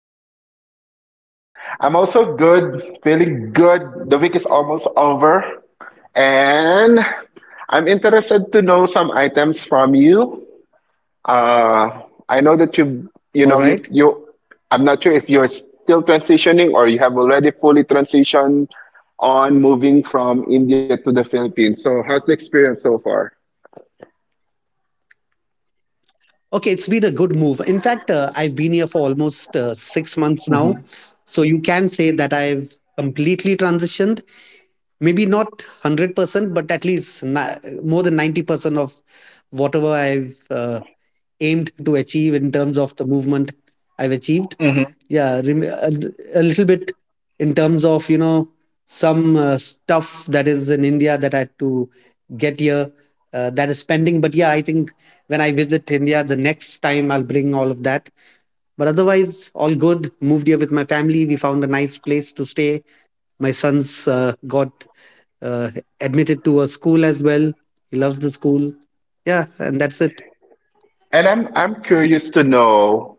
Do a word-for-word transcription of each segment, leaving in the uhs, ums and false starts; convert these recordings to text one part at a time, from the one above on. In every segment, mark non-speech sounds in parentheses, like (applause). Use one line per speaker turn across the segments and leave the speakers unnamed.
Dan, I'm good. How are you?
I'm also good, feeling good. The week is almost over, and I'm interested to know some items from you. Uh, I know that you, you
All
know, you,
right.
you. I'm not sure if you're still transitioning or you have already fully transitioned on moving from India to the Philippines. So, how's the experience so far?
Okay, it's been a good move. In fact, uh, I've been here for almost uh, six months now. So you can say that I've completely transitioned. Maybe not one hundred percent, but at least ni- more than ninety percent of whatever I've uh, aimed to achieve in terms of the movement I've achieved. Yeah, rem- a, l- a little bit in terms of, you know, some uh, stuff that is in India that I had to get here uh, that is pending. But yeah, I think when I visit India the next time, I'll bring all of that. But otherwise, all good. Moved here with my family. We found a nice place to stay. My son's uh, got uh, admitted to a school as well. He loves the school. Yeah, and that's it.
And I'm, I'm curious to know.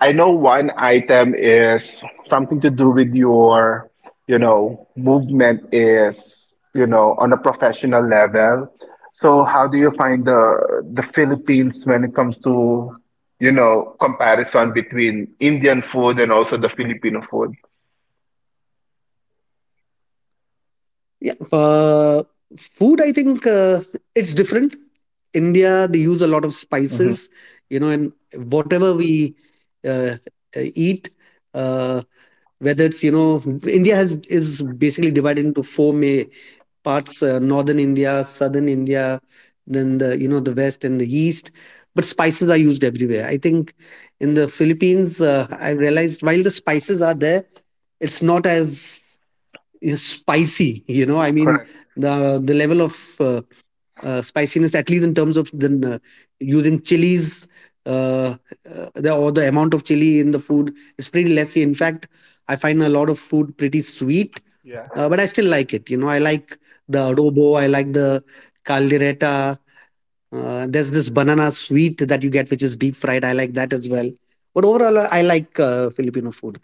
I know one item is something to do with your, you know, movement is, you know, on a professional level. So how do you find the the Philippines when it comes to, you know, comparison between Indian food and also the Filipino food?
Yeah, uh, food. I think uh, it's different. India, they use a lot of
Hmm.
spices, you know, and whatever we uh, uh, eat, uh, whether it's, you know, India has is basically divided into four main parts: uh, northern India, southern India, then the you know the west and the east. But spices are used everywhere. I think in the Philippines, uh, I realized while the spices are there, it's not as is spicy, you know, I mean,
Correct.
the the level of uh, uh, spiciness, at least in terms of the uh, using chilies, uh, uh, the or the amount of chili in the food is pretty lessy. In fact, I find a lot of food pretty sweet.
Yeah.
Uh, but I still like it. You know, I like the adobo, I like the caldereta. Uh, there's this banana sweet that you get which is deep fried. I like that as well. But overall, I like uh, Filipino food.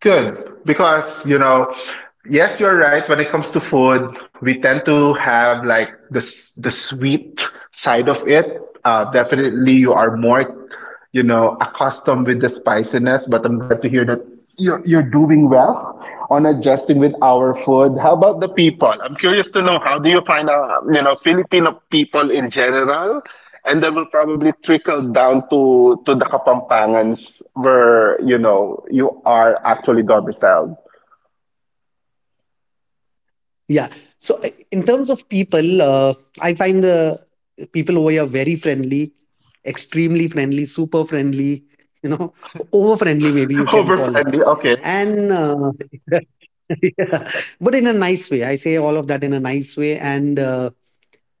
Good. Because, you know, yes, you're right. When it comes to food, we tend to have like the the sweet side of it. Uh, definitely, you are more, you know, accustomed with the spiciness. But I'm glad to hear that you're you're doing well on adjusting with our food. How about the people? I'm curious to know how do you find out, you know, Filipino people in general, and then will probably trickle down to to the Kapampangans where you know you are actually domiciled.
Yeah. So uh, in terms of people, uh, I find the people over here very friendly, extremely friendly, super friendly, you know, (laughs) over friendly, maybe you
(laughs)
can
Over
call it.
friendly, okay.
And uh, (laughs) yeah, but in a nice way. I say all of that in a nice way. And uh,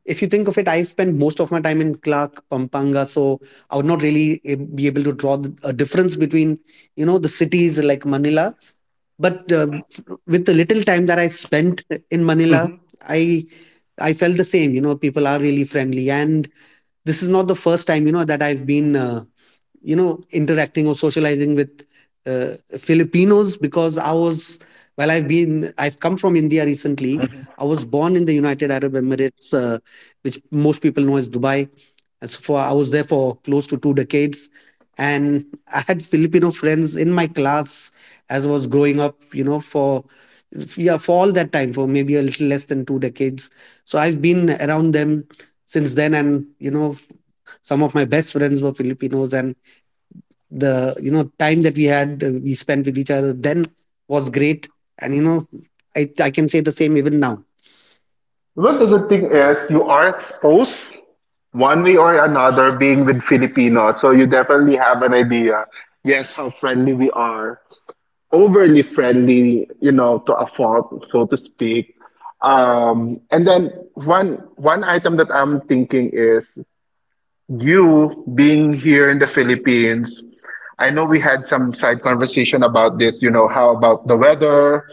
if you think of it, I spend most of my time in Clark, Pampanga. So I would not really eh, be able to draw the- a difference between, you know, the cities like Manila, but uh, with the little time that I spent in Manila,
Mhm.
I I felt the same. You know, people are really friendly, and this is not the first time, you know, that I've been uh, you know interacting or socializing with uh, Filipinos, because I was, well I've been I've come from India recently.
Mhm.
I was born in the United Arab Emirates, uh, which most people know as Dubai. As for I was there for close to two decades, and I had Filipino friends in my class as I was growing up. You know, for yeah for all that time, for maybe a little less than two decades. So I've been around them since then, and you know, some of my best friends were Filipinos, and the, you know, time that we had, uh, we spent with each other then, was great. And you know, I, I can say the same even now.
Well, the good thing is you are exposed one way or another being with Filipinos. So you definitely have an idea, yes, how friendly we are. Overly friendly, you know, to a fault, so to speak. Um, and then one one item that I'm thinking is you being here in the Philippines. I know we had some side conversation about this, you know, how about the weather?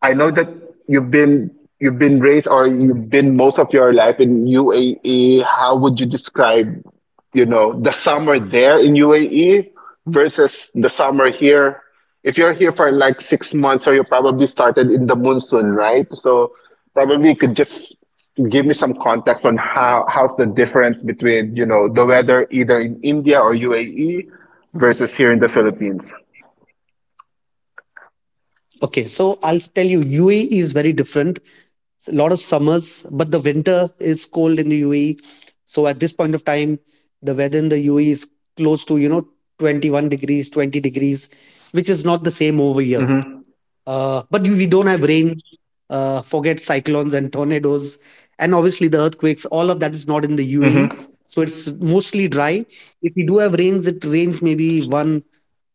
I know that you've been you've been raised or you've been most of your life in U A E. How would you describe, you know, the summer there in U A E versus the summer here? If you're here for like six months, or you probably started in the monsoon, right? So probably you could just give me some context on how how's the difference between, you know, the weather either in India or U A E versus here in the Philippines.
Okay, so I'll tell you, UAE is very different. It's a lot of summers, but the winter is cold in the UAE. So at this point of time, the weather in the UAE is close to, you know, twenty-one degrees, twenty degrees, which is not the same over here.
Mm-hmm.
Uh, but we don't have rain. Uh, forget cyclones and tornadoes, and obviously the earthquakes. All of that is not in the U A E,
Mm-hmm.
so it's mostly dry. If we do have rains, it rains maybe one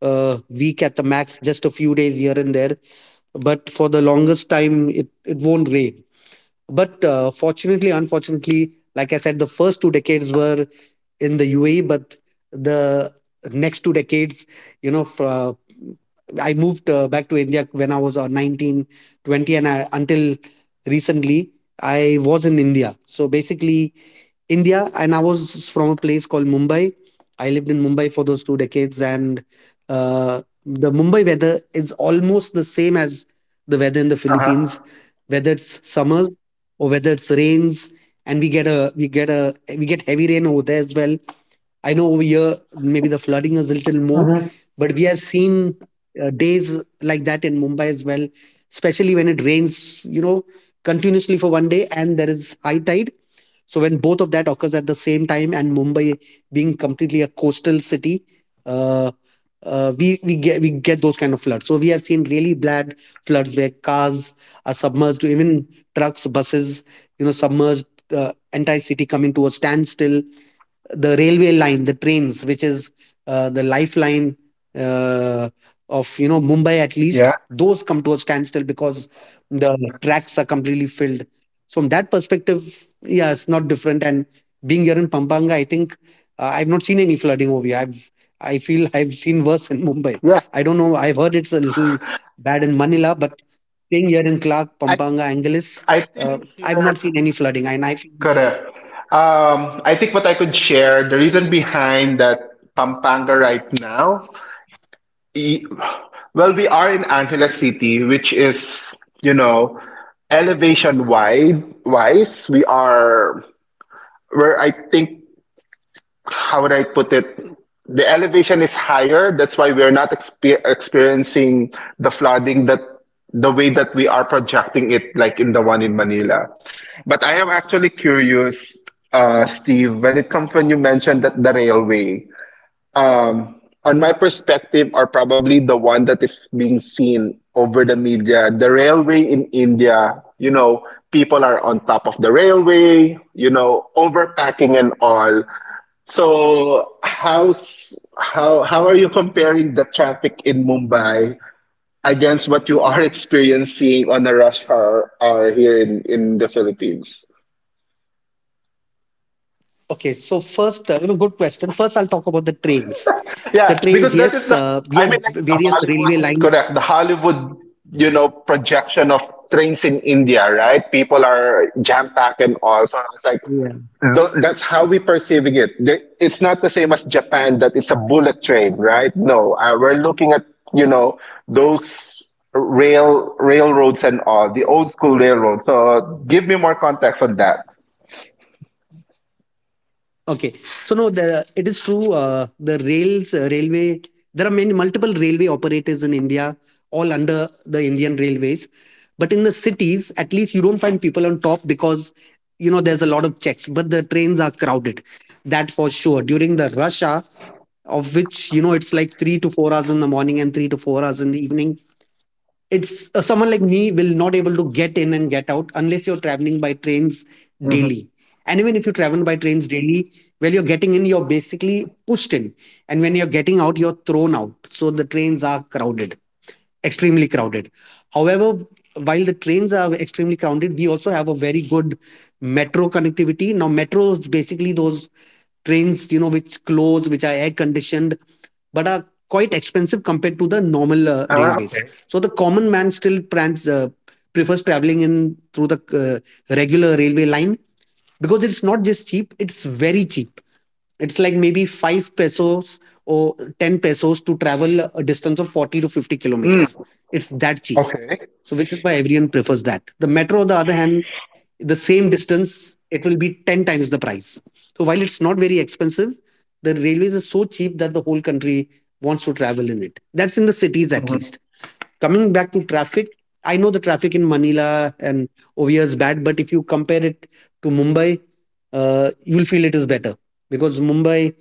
uh, week at the max, just a few days here and there. But for the longest time, it it won't rain. But uh, fortunately, unfortunately, like I said, the first two decades were in the U A E, but the next two decades, you know, fr- uh, I moved uh, back to India when I was uh, nineteen, twenty, and I, until recently, I was in India. So basically, India, and I was from a place called Mumbai. I lived in Mumbai for those two decades, and uh, the Mumbai weather is almost the same as the weather in the Philippines, whether it's summers or whether it's rains. And we get a we get a we get heavy rain over there as well. I know over here maybe the flooding is a little more, but we have seen uh, days like that in Mumbai as well, especially when it rains, you know, continuously for one day and there is high tide. So when both of that occurs at the same time, and Mumbai being completely a coastal city, uh, uh, we we get we get those kind of floods. So we have seen really bad floods where cars are submerged, even trucks, buses, you know, submerged, uh, entire city coming to a standstill, the railway line, the trains, which is uh, the lifeline uh, of, you know, Mumbai at least,
Yeah.
those come to a standstill because the tracks are completely filled. So from that perspective, yeah, it's not different. And being here in Pampanga, I think uh, I've not seen any flooding over here. I've I feel (laughs) I've seen worse in Mumbai.
Yeah.
I don't know. I've heard it's a little bad in Manila, but staying here in Clark, Pampanga, Angeles,
I
uh,
think
I've
here,
not seen any flooding. And I feel
correct. Um, I think what I could share, the reason behind that Pampanga right now, e- well, we are in Angeles City, which is, you know, elevation wide wise, we are where I think how would I put it? The elevation is higher. That's why we're not exper- experiencing the flooding that the way that we are projecting it, like in the one in Manila. But I am actually curious, uh, Steve, when it comes when you mentioned that the railway, um, on my perspective, are probably the one that is being seen over the media. The railway in India, you know, people are on top of the railway, you know, overpacking and all. So how's how how are you comparing the traffic in Mumbai against what you are (laughs) experiencing on a rush hour hour here in in the Philippines?
okay, so first, uh, you know, good question. First, I'll talk about the trains. The
Yeah,
trains,
because that is
yes,
the.
uh, we
I
have
mean like the
various railway
Bollywood,
lines.
correct, the Hollywood, you know, projection of trains in India, right? People are jam packed and all. So I was like,
Yeah.
tho- that's how we perceiving it. The- It's not the same as Japan that it's a bullet train, right? No, uh, we're looking at you know those rail railroads and all the old school railroads. So give me more context on that.
Okay, so no, the it is true. Uh, the rails, uh, railway. There are many multiple railway operators in India, all under the Indian Railways. But in the cities, at least you don't find people on top because, you know, there's a lot of checks. But the trains are crowded, that for sure. During the rush hour, of which, you know, it's like three to four hours in the morning and three to four hours in the evening, it's uh, someone like me will not able to get in and get out unless you're traveling by trains
Hmm.
daily. And even if you travel by trains daily, well, you're getting in, you're basically pushed in, and when you're getting out, you're thrown out. So the trains are crowded, extremely crowded. However, while the trains are extremely crowded, we also have a very good metro connectivity. Now metros, basically, those trains, you know, which close, which are air conditioned, but are quite expensive compared to the normal uh, railways. So the common man still prans, uh, prefers traveling in through the uh, regular railway line, because it's not just cheap; it's very cheap. It's like maybe five pesos or ten pesos to travel a distance of forty to fifty kilometers.
Mm,
It's that cheap.
okay.
So which is why everyone prefers that. The metro, on the other hand, the same distance, it will be ten times the price. So while it's not very expensive, the railways is so cheap that the whole country wants to travel in it. That's in the cities at
Hmm.
least. Coming back to traffic, I know the traffic in Manila and over here is bad, but if you compare it to Mumbai, uh, you'll feel it is better, because Mumbai,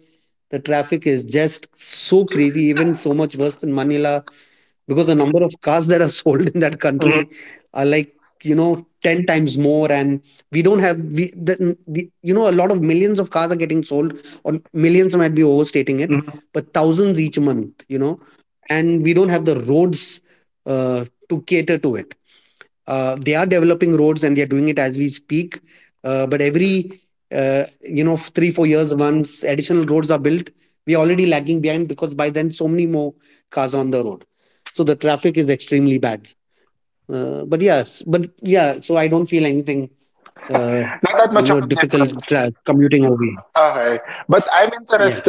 the traffic is just so crazy, even so much worse than Manila, because the number of cars that are (laughs) sold in that country
Hmm.
are like, you know, ten times more. And we don't have we the, the you know, a lot of millions of cars are getting sold, or millions might be overstating it,
Hmm.
but thousands each month, you know. And we don't have the roads uh, to cater to it. Uh, they are developing roads and they are doing it as we speak. Uh, but every uh, you know, three four years once additional roads are built, we are already lagging behind, because by then so many more cars on the road, so the traffic is extremely bad. Uh, but yes, but yeah, so I don't feel anything
Not that
uh,
much of a
you know
difference.
difficult tra- commuting over here.
Okay. But I'm interested.
Yeah.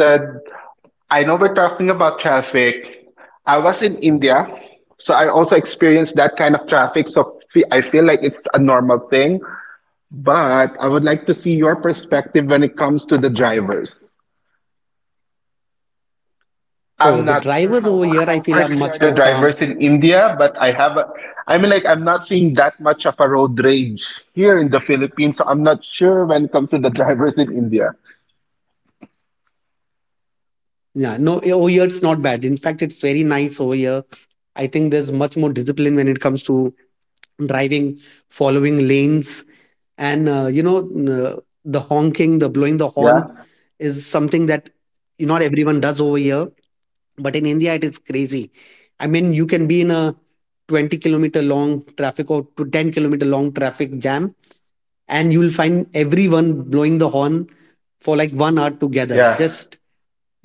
I know we're talking about traffic. I was in India, so I also experienced that kind of traffic. So fe- I feel like it's a normal thing, but I would like to see your perspective when it comes to the drivers.
Oh,
I'm
the
not sure
drivers
how
over here I
how
feel are
crazy are
much
the
more calm.
drivers in India, but I have a, I mean like I'm not seeing that much of a road rage here in the Philippines, so I'm not sure when it comes to the (laughs) drivers in India.
Yeah, no, over here it's not bad. In fact, it's very nice over here. I think there's much more discipline when it comes to driving, following lanes, and uh, you know n- uh, the honking, the blowing the
Yeah.
horn is something that you not everyone does over here, but in India it is crazy. I mean, you can be in a twenty kilometer long traffic or to ten kilometer long traffic jam, and you'll find everyone blowing the horn for like one hour together,
Yeah.
just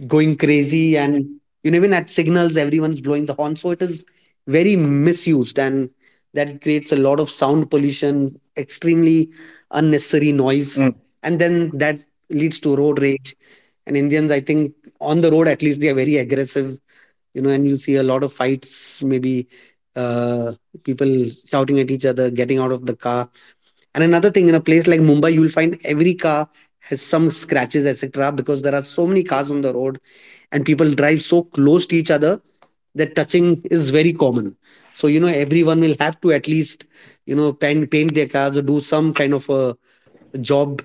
going crazy. And you know, even at signals everyone's blowing the horn, so it is very misused, and that creates a lot of sound pollution, extremely unnecessary noise, and then that leads to road rage. And Indians, I think, on the road at least, they are very aggressive. You know, and you see a lot of fights, maybe uh, people shouting at each other, getting out of the car. And another thing, in a place like Mumbai, you'll find every car has some scratches, etc. because there are so many cars on the road, and people drive so close to each other that touching is very common. So you know, everyone will have to at least, you know, paint, paint their cars or do some kind of a job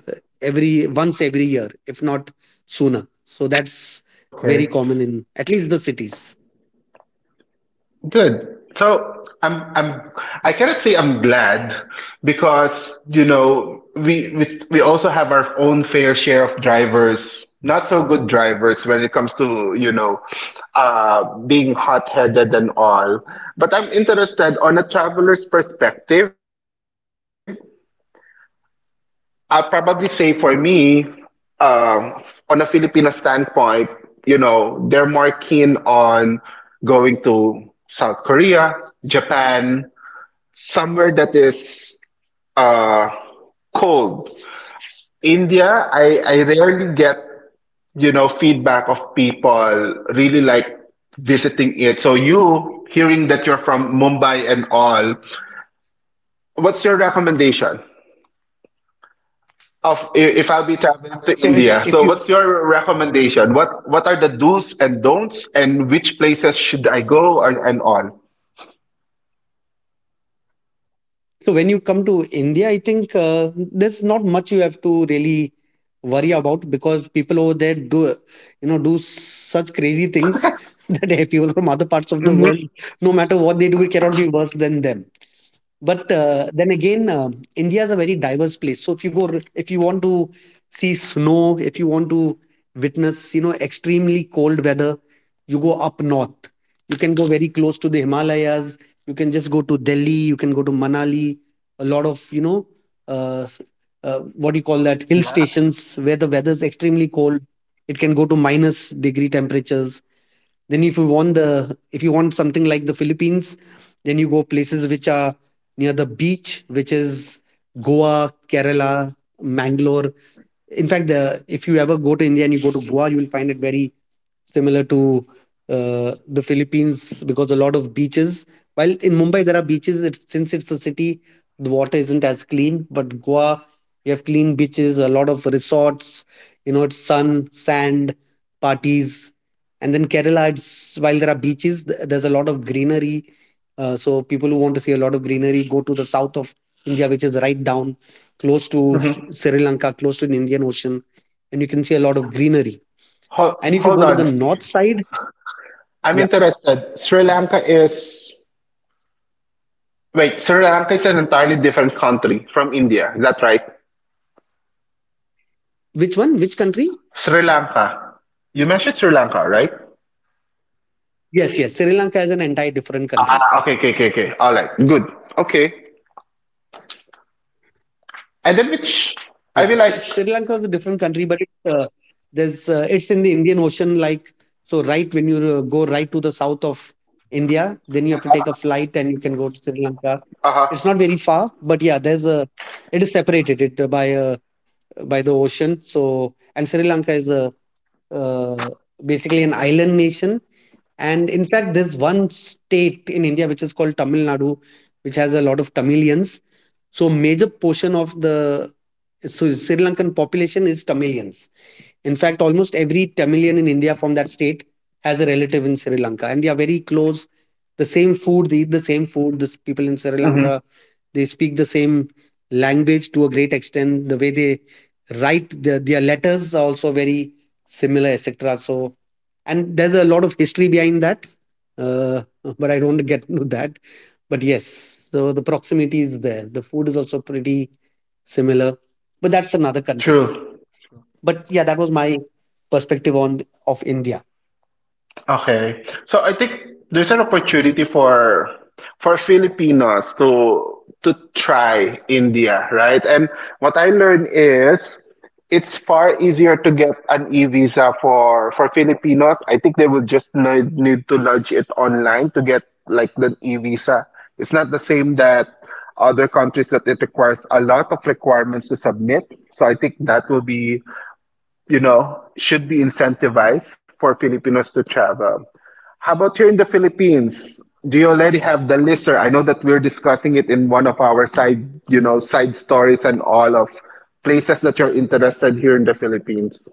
every once every year, if not sooner. So that's very common in at least the cities.
I'm, I'm, I cannot say I'm glad because, you know, we, we, we also have our own fair share of drivers, not so good drivers when it comes to, you know, uh, being hot-headed and all. But I'm interested on a traveler's perspective. I'll probably say for me, um, on a Filipino standpoint, you know, they're more keen on going to South Korea, Japan, somewhere that is uh cold. India, i i rarely get you know feedback of people really like visiting it. So you hearing that you're from Mumbai and all, what's your recommendation of i- if I'll be traveling to
So if
India,
if
so
you
what's your recommendation, what what are the do's and don'ts, and which places should I go, and, and all.
So when you come to India, I think uh, there's not much you have to really worry about, because people over there do, you know, do such crazy things (laughs) that eh, people from other parts of the world, no matter what they do, it cannot be worse than them. But uh, then again, um India is a very diverse place. So if you go, if you want to see snow, if you want to witness, you know, extremely cold weather, you go up north. You can go very close to the Himalayas. You can just go to Delhi. You can go to Manali. A lot of, you know, uh, s- uh, what do you call that? Hill
Yeah.
stations where the weather is extremely cold. It can go to minus degree temperatures. Then if you want the if you want something like the Philippines, then you go places which are near the beach, which is Goa, Kerala, Mangalore. In fact, the if you ever go to India and you go to Goa, you will find it very similar to uh, the Philippines, because a lot of beaches. While in Mumbai there are beaches, it's, since it's a city, the water isn't as clean. But Goa, you have clean beaches, a lot of resorts. You know, it's sun, sand, parties, and then Kerala. It's while there are beaches, th- there's a lot of greenery. Uh, so people who want to see a lot of greenery go to the south of India, which is right down
Hmm.
close to S- Sri Lanka, close to the Indian Ocean, and you can see a lot of greenery.
Hold, hold
And if you
on,
go to the
Steve.
north side,
I'm
yeah,
interested. Sri Lanka is— Wait, Sri Lanka is an entirely different country from India. Is that right?
which one? Which country?
Sri Lanka. You mentioned Sri Lanka, right?
Yes, yes. Sri Lanka is an entire different country.
Ah, okay, okay, okay, okay. All right, good. Okay. And then which, I
Yeah,
feel
so
like,
Sri Lanka is a different country, but it, uh, there's uh, it's in the Indian Ocean. Like so, right when you uh, go right to the south of India, then you have to take a
uh-huh,
flight and you can go to Sri Lanka.
uh-huh.
It's not very far, but yeah, there's a it is separated it uh, by uh, by the ocean. So and Sri Lanka is a uh, basically an island nation. And in fact, there's one state in India which is called Tamil Nadu, which has a lot of Tamilians. So, major portion of the so Sri Lankan population is Tamilians. In fact, almost every Tamilian in India from that state has a relative in Sri Lanka, and they are very close. The same food, they eat the same food. This people in Sri
Mm-hmm.
Lanka, they speak the same language to a great extent. The way they write their, their letters are also very similar, etc. So, and there's a lot of history behind that, uh, but I don't get into that. But yes, so the proximity is there, the food is also pretty similar, but that's another country.
True.
But yeah, that was my perspective on of India.
Okay. So I think there's an opportunity for for Filipinos to to try India, right? And what I learned is it's far easier to get an e-visa for for Filipinos. I think they will just need, need to lodge it online to get like the e-visa. It's not the same that other countries that it requires a lot of requirements to submit. So I think that will be, you know, should be incentivized for Filipinos to travel. How about here in the Philippines? Do you already have the list, sir? I know that we're discussing it in one of our side, you know, side stories and all of places that you're interested here in the Philippines.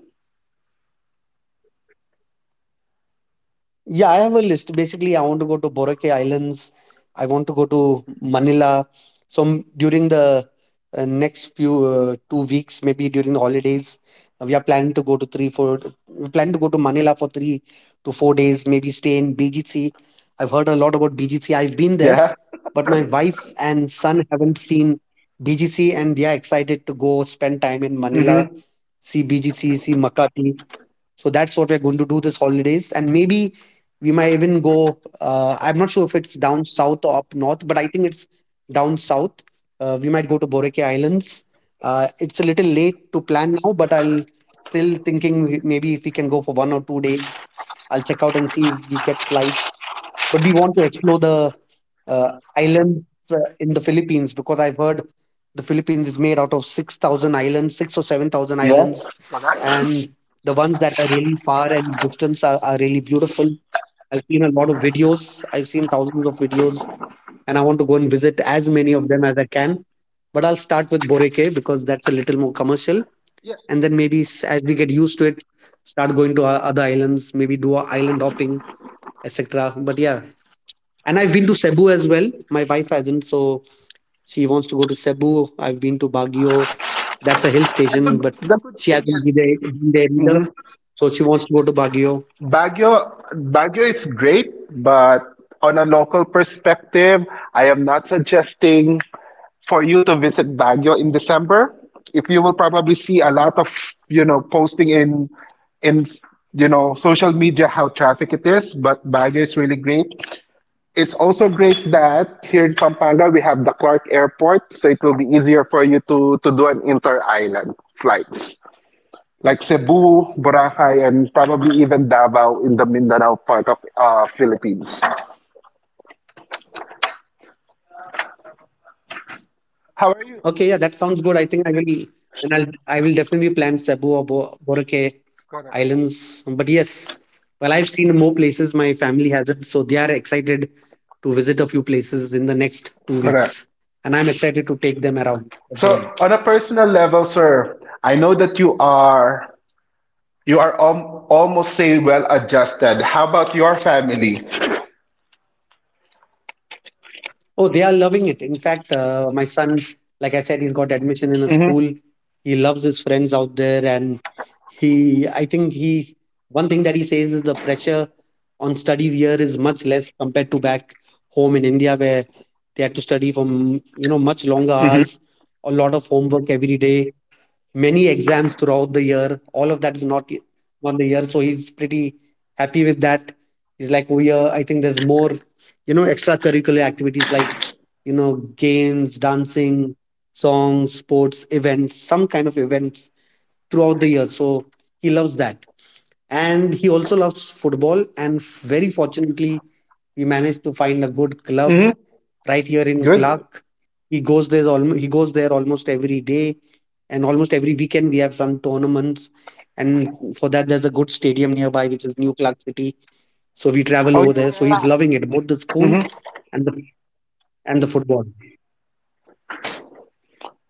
Yeah, I have a list. Basically, I want to go to Boracay Islands. I want to go to Manila. So m- during the uh, next few uh, two weeks, maybe during the holidays, uh, we are planning to go to three, four. We plan to go to Manila for three to four days. Maybe stay in B G C. I've heard a lot about B G C. I've been there,
Yeah.
but my wife and son haven't seen B G C, and they are excited to go spend time in Manila,
Mm-hmm.
see B G C, see Makati. So that's what we're going to do this holidays, and maybe we might even go. Uh, I'm not sure if it's down south or up north, but I think it's down south. Uh, we might go to Boreke Islands. Uh, it's a little late to plan now, but I'll still thinking we- maybe if we can go for one or two days. I'll check out and see if we get flight. But we want to explore the uh, islands uh, in the Philippines, because I've heard the Philippines is made out of six thousand islands, six or seven thousand
Yes.
islands,
Correct.
and the ones that are really far and distance are, are really beautiful. I've seen a lot of videos. I've seen thousands of videos, and I want to go and visit as many of them as I can. But I'll start with Boreke because that's a little more commercial,
Yeah.
and then maybe s- as we get used to it, start going to our other islands. Maybe do a island hopping, et cetera. But yeah, and I've been to Cebu as well. My wife hasn't, so she wants to go to Cebu. I've been to Baguio. That's a hill
And the,
station, but
the good
she
thing is.
hasn't been there, been there either.
Mhm.
So she wants to go to Baguio.
Baguio, Baguio is great, but on a local perspective, I am not suggesting for you to visit Baguio in December. If you will probably see a lot of, you know, posting in in you know social media how traffic it is, but Baguio is really great. It's also great that here in Pampanga we have the Clark Airport, so it will be easier for you to to do an inter-island flight like Cebu, Boracay, and probably even Davao in the Mindanao part of uh, Philippines. How are you?
Okay, yeah, that sounds good. I think I will, and I'll, I will definitely plan Cebu or Bo- Boracay
Correct.
Islands. But yes, well, I've seen more places. My family hasn't, so they are excited to visit a few places in the next two
Correct.
weeks, and I'm excited to take them around as well.
So on a personal level, sir, I know that you are you are al- almost say well adjusted. How about your family?
Oh, they are loving it. In fact, uh, my son, like I said, he's got admission in a
Mm-hmm.
school. He loves his friends out there, and he, I think he, one thing that he says is the pressure on studies here is much less compared to back home in India, where they had to study from you know much longer
Mm-hmm.
hours, a lot of homework every day, many exams throughout the year. All of that is not on the year, so he's pretty happy with that. He's like, oh yeah, I think there's more, you know, extracurricular activities like, you know, games, dancing, songs, sports, events, some kind of events throughout the year. So he loves that. And he also loves football. And f- very fortunately, we managed to find a good club
Mm-hmm.
right here in
Good.
Clark. He goes there almost he goes there almost every day, and almost every weekend we have some tournaments. And for that, there's a good stadium nearby, which is New Clark City. So we travel
Oh
over
yeah,
there. So he's
yeah.
loving it, both the school
Mm-hmm.
and the and the football.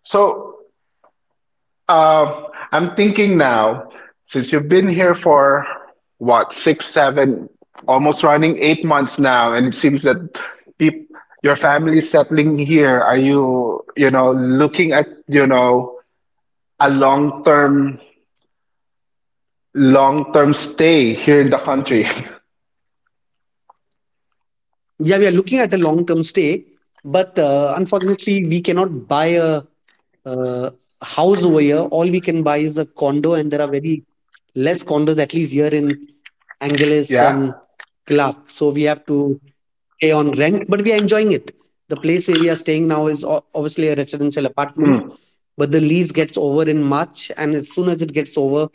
So. Uh, I'm thinking now, since you've been here for what, six, seven, almost running eight months now, and it seems that peop your family's settling here. Are you, you know, looking at, you know, a long-term, long-term stay here in the country? (laughs)
Yeah, we are looking at a long-term stay, but uh, unfortunately, we cannot buy a uh, house over here. All we can buy is a condo, and there are very less condos, at least here in Angeles
Yeah?
and Clark. So we have to pay on rent, but we are enjoying it. The place where we are staying now is o- obviously a residential apartment,
Mm.
but the lease gets over in March, and as soon as it gets over,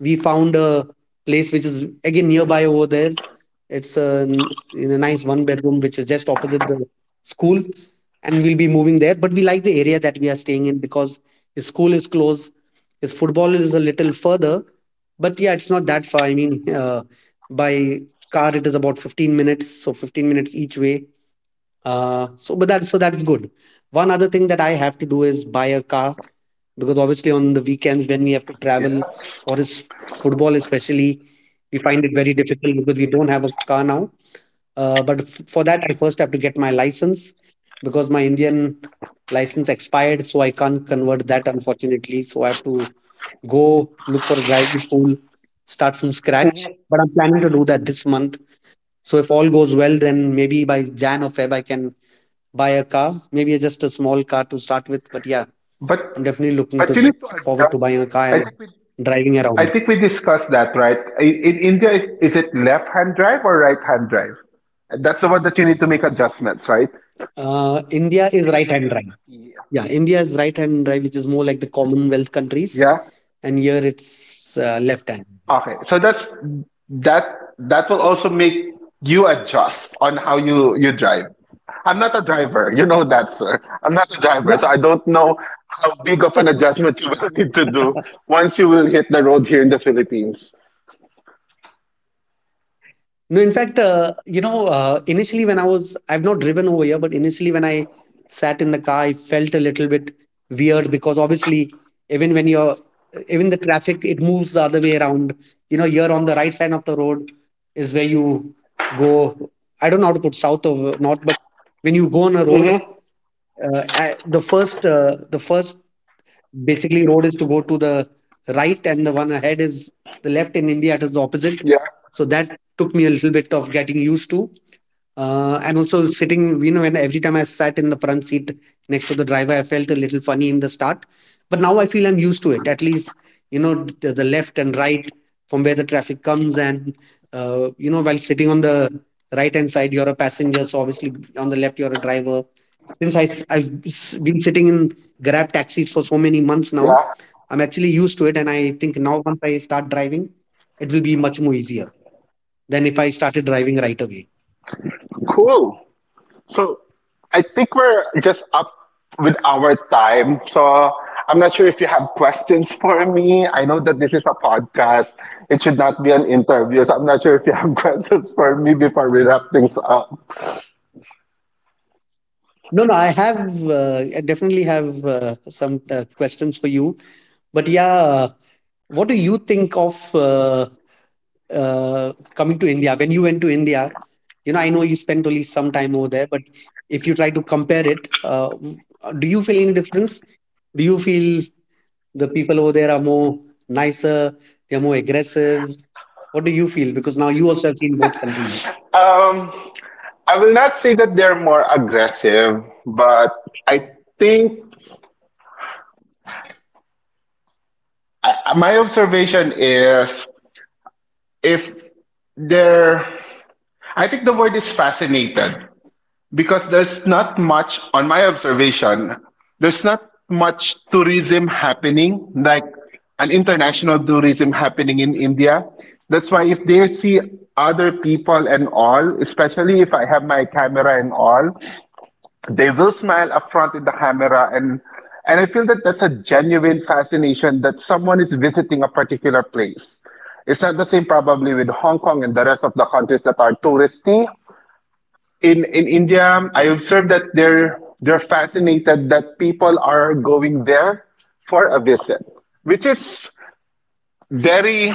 we found a place which is again nearby over there. It's a, n- in a nice one bedroom which is just opposite the school, and we'll be moving there. But we like the area that we are staying in because his school is close, his football is a little further, but yeah, it's not that far. I mean, uh, by car it is about fifteen minutes, so fifteen minutes each way. Uh, so but that so that is good. One other thing that I have to do is buy a car, because obviously on the weekends when we have to travel
Yes.
for his football especially we find it very difficult because we don't have a car now. Uh, but f- for that I first have to get my license, because my Indian license expired, so I can't convert that unfortunately. So I have to go look for a driving school, start from scratch.
Mhm.
But I'm planning to do that this month, so if all goes well, then maybe by Jan or Feb I can buy a car, maybe just a small car to start with. But yeah,
But
I'm definitely looking to
but you need to
forward to
adjust.
buying a car
I
and
think we
driving
I
around.
think we discussed that, right? I- In India, is, is it left-hand drive or right-hand drive? That's the one that you need to make adjustments, right?
Uh, India is right-hand drive.
Yeah.
Yeah, India is right-hand drive, which is more like the Commonwealth countries,
Yeah.
and here it's uh, left-hand.
Okay. So that's that. That will also make you adjust on how you you drive. I'm not a driver, you know that, sir. I'm not a driver,
Yeah.
so I don't know how big of an adjustment you will (laughs) need to do
(laughs)
once you will hit the road here in the Philippines.
No, in fact, uh, you know, uh, initially when I was, I've not driven over here, but initially when I sat in the car, I felt a little bit weird, because obviously, even when you're, even the traffic, it moves the other way around. You know, you're on the right side of the road is where you go. I don't know how to put south or north, but when you go on a road,
Mm-hmm.
uh, a- the first, uh, the first, basically, road is to go to the right, and the one ahead is the left. In India, it is the opposite.
Yeah.
So that took me a little bit of getting used to. Uh, and also sitting, you know, when every time I sat in the front seat next to the driver, I felt a little funny in the start. But now I feel I'm used to it. At least, you know, the, the left and right from where the traffic comes. And, uh, you know, while sitting on the right hand side, you're a passenger. So obviously, on the left, you're a driver. Since I have been sitting in Grab taxis for so many months now,
Yeah.
I'm actually used to it, and I think now once I start driving, it will be much more easier than if I started driving right away.
Cool. So I think we're just up with our time. So I'm not sure if you have questions (laughs) for me. I know that this is a podcast. It should not be an interview. So I'm not sure if you have (laughs) questions for me before we wrap things up.
No, no, I have, uh, I definitely have uh, some uh, questions for you. But yeah, uh, what do you think of uh, uh, coming to India? When you went to India, you know, I know you spent only some time over there, but if you try to compare it, uh, w- uh, do you feel any difference? Do you feel the people over there are more nicer, they're more aggressive? What do you feel? Because now you also have seen both countries.
Um, I will not say that they're more aggressive, but I think I, my observation is if they're, I think the word is fascinated. Because there's not much on my observation there's not much tourism happening like an international tourism happening in India. That's why if they see other people and all, especially if I have my camera and all, they will smile up front in the camera, and and I feel that that's a genuine fascination that someone is visiting a particular place. It's not the same probably with Hong Kong and the rest of the countries that are touristy in in India. I observed that they're they're fascinated that people are going there for a visit, which is very,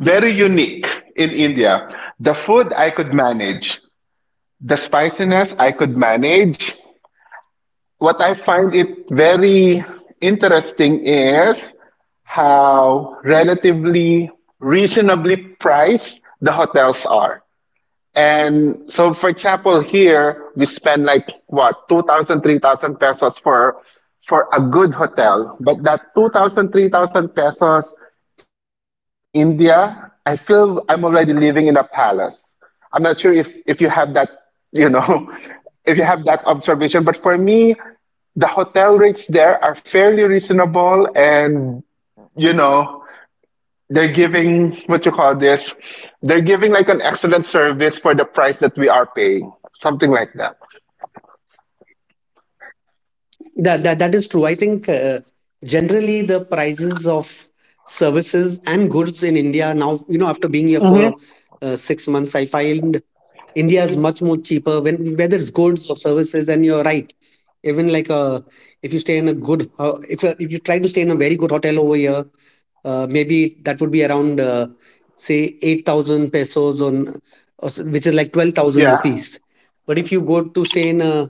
very unique in India. The food I could manage, the spiciness I could manage. What I find it very interesting is how relatively reasonably priced the hotels are. And so, for example, here we spend like what two thousand, three thousand pesos for for a good hotel. But that two thousand, three thousand pesos in India, I feel I'm already living in a palace. I'm not sure if if you have that, you know, (laughs) if you have that observation. But for me, the hotel rates there are fairly reasonable, and you know. They're giving what you call this. They're giving like an excellent service for the price that we are paying, something like that.
That that, that is true. I think uh, generally the prices of services and goods in India now, you know, after being here for
Hmm.
uh, six months, I find India is much more cheaper, when whether it's goods or services. And you're right. Even like a, if you stay in a good, ho- if you- if you try to stay in a very good hotel over here, uh, maybe that would be around, uh, say eight thousand pesos, on or s- which is like twelve thousand
Yeah,
rupees. But if you go to stay in a,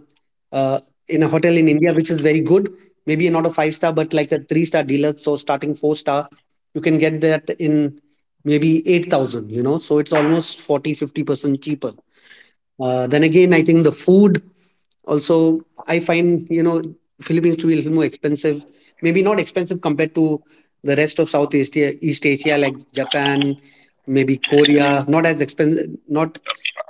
uh, in a hotel in India, which is very good, maybe not a five star but like a three star deluxe or starting four star, you can get that in maybe eight thousand, you know. So it's almost forty fifty percent cheaper. Uh, then again, I think the food also, I find, you know, Philippines to be a little more expensive. Maybe not expensive compared to the rest of Southeast Asia, East Asia like Japan, maybe Korea. Not as expensive, not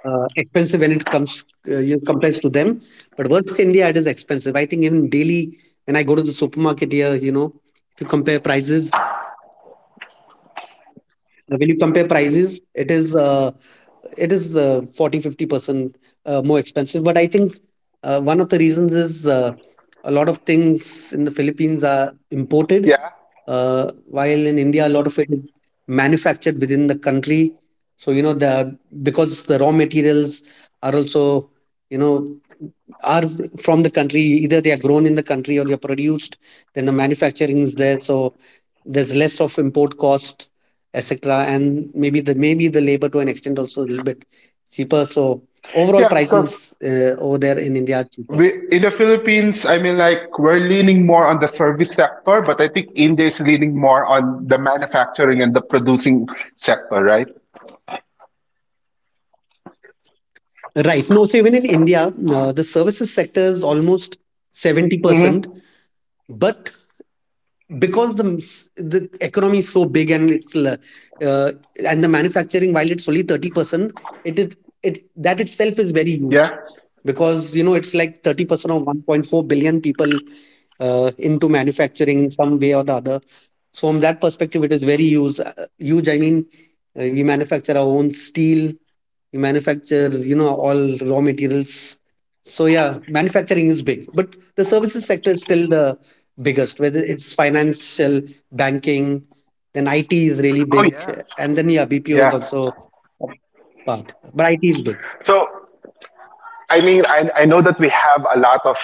uh, expensive when it comes, uh, you know, compares to them. But versus India, it is expensive. I think even daily when I go to the supermarket here, you know, if you compare prices, uh, when you compare prices, it is, uh, it is uh, forty fifty percent uh, more expensive. But I think uh, one of the reasons is, uh, a lot of things in the Philippines are imported,
yeah,
uh, while in India a lot of it is manufactured within the country. So you know, the because the raw materials are also, you know, are from the country, either they are grown in the country or they are produced, then the manufacturing is there. So there's less of import cost, etc., and maybe the maybe the labor to an extent also a little bit cheaper. So overall
yeah. Because
prices uh, over there in India are cheaper,
we in the Philippines, I mean, like we're leaning more on the service sector, but I think India is leaning more on the manufacturing and the producing sector, right?
right? No, so even in India, uh, the services sector is almost seventy percent.
Hmm.
But because the s- the economy is so big and it's l- uh, and the manufacturing, while it's only thirty percent, it is, it, that itself is very huge,
Yeah.
because you know it's like thirty percent of one point four billion people, uh, into manufacturing in some way or the other. So from that perspective, it is very huge. uh, Huge. I mean, uh, we manufacture our own steel. We manufacture, you know, all raw materials. So yeah, manufacturing is big, but the services sector is still the biggest. Whether it's financial, banking, then I T is really
Oh
big,
yeah.
and then yeah, B P O is
Yeah.
also part. But I T is big.
So I mean, I, I know that we have a lot of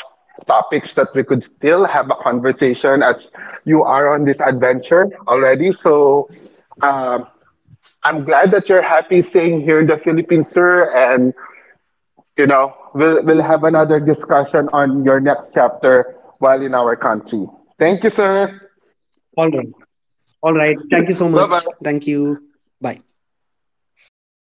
topics that we could still have a conversation as you are on this adventure already. So um, I'm glad that you're happy staying here in the Philippines, sir. And, you know, we'll, we'll have another discussion on your next chapter while in our country. Thank you, sir.
All right. All right. Thank you so
Bye bye.
much. Thank you. Bye.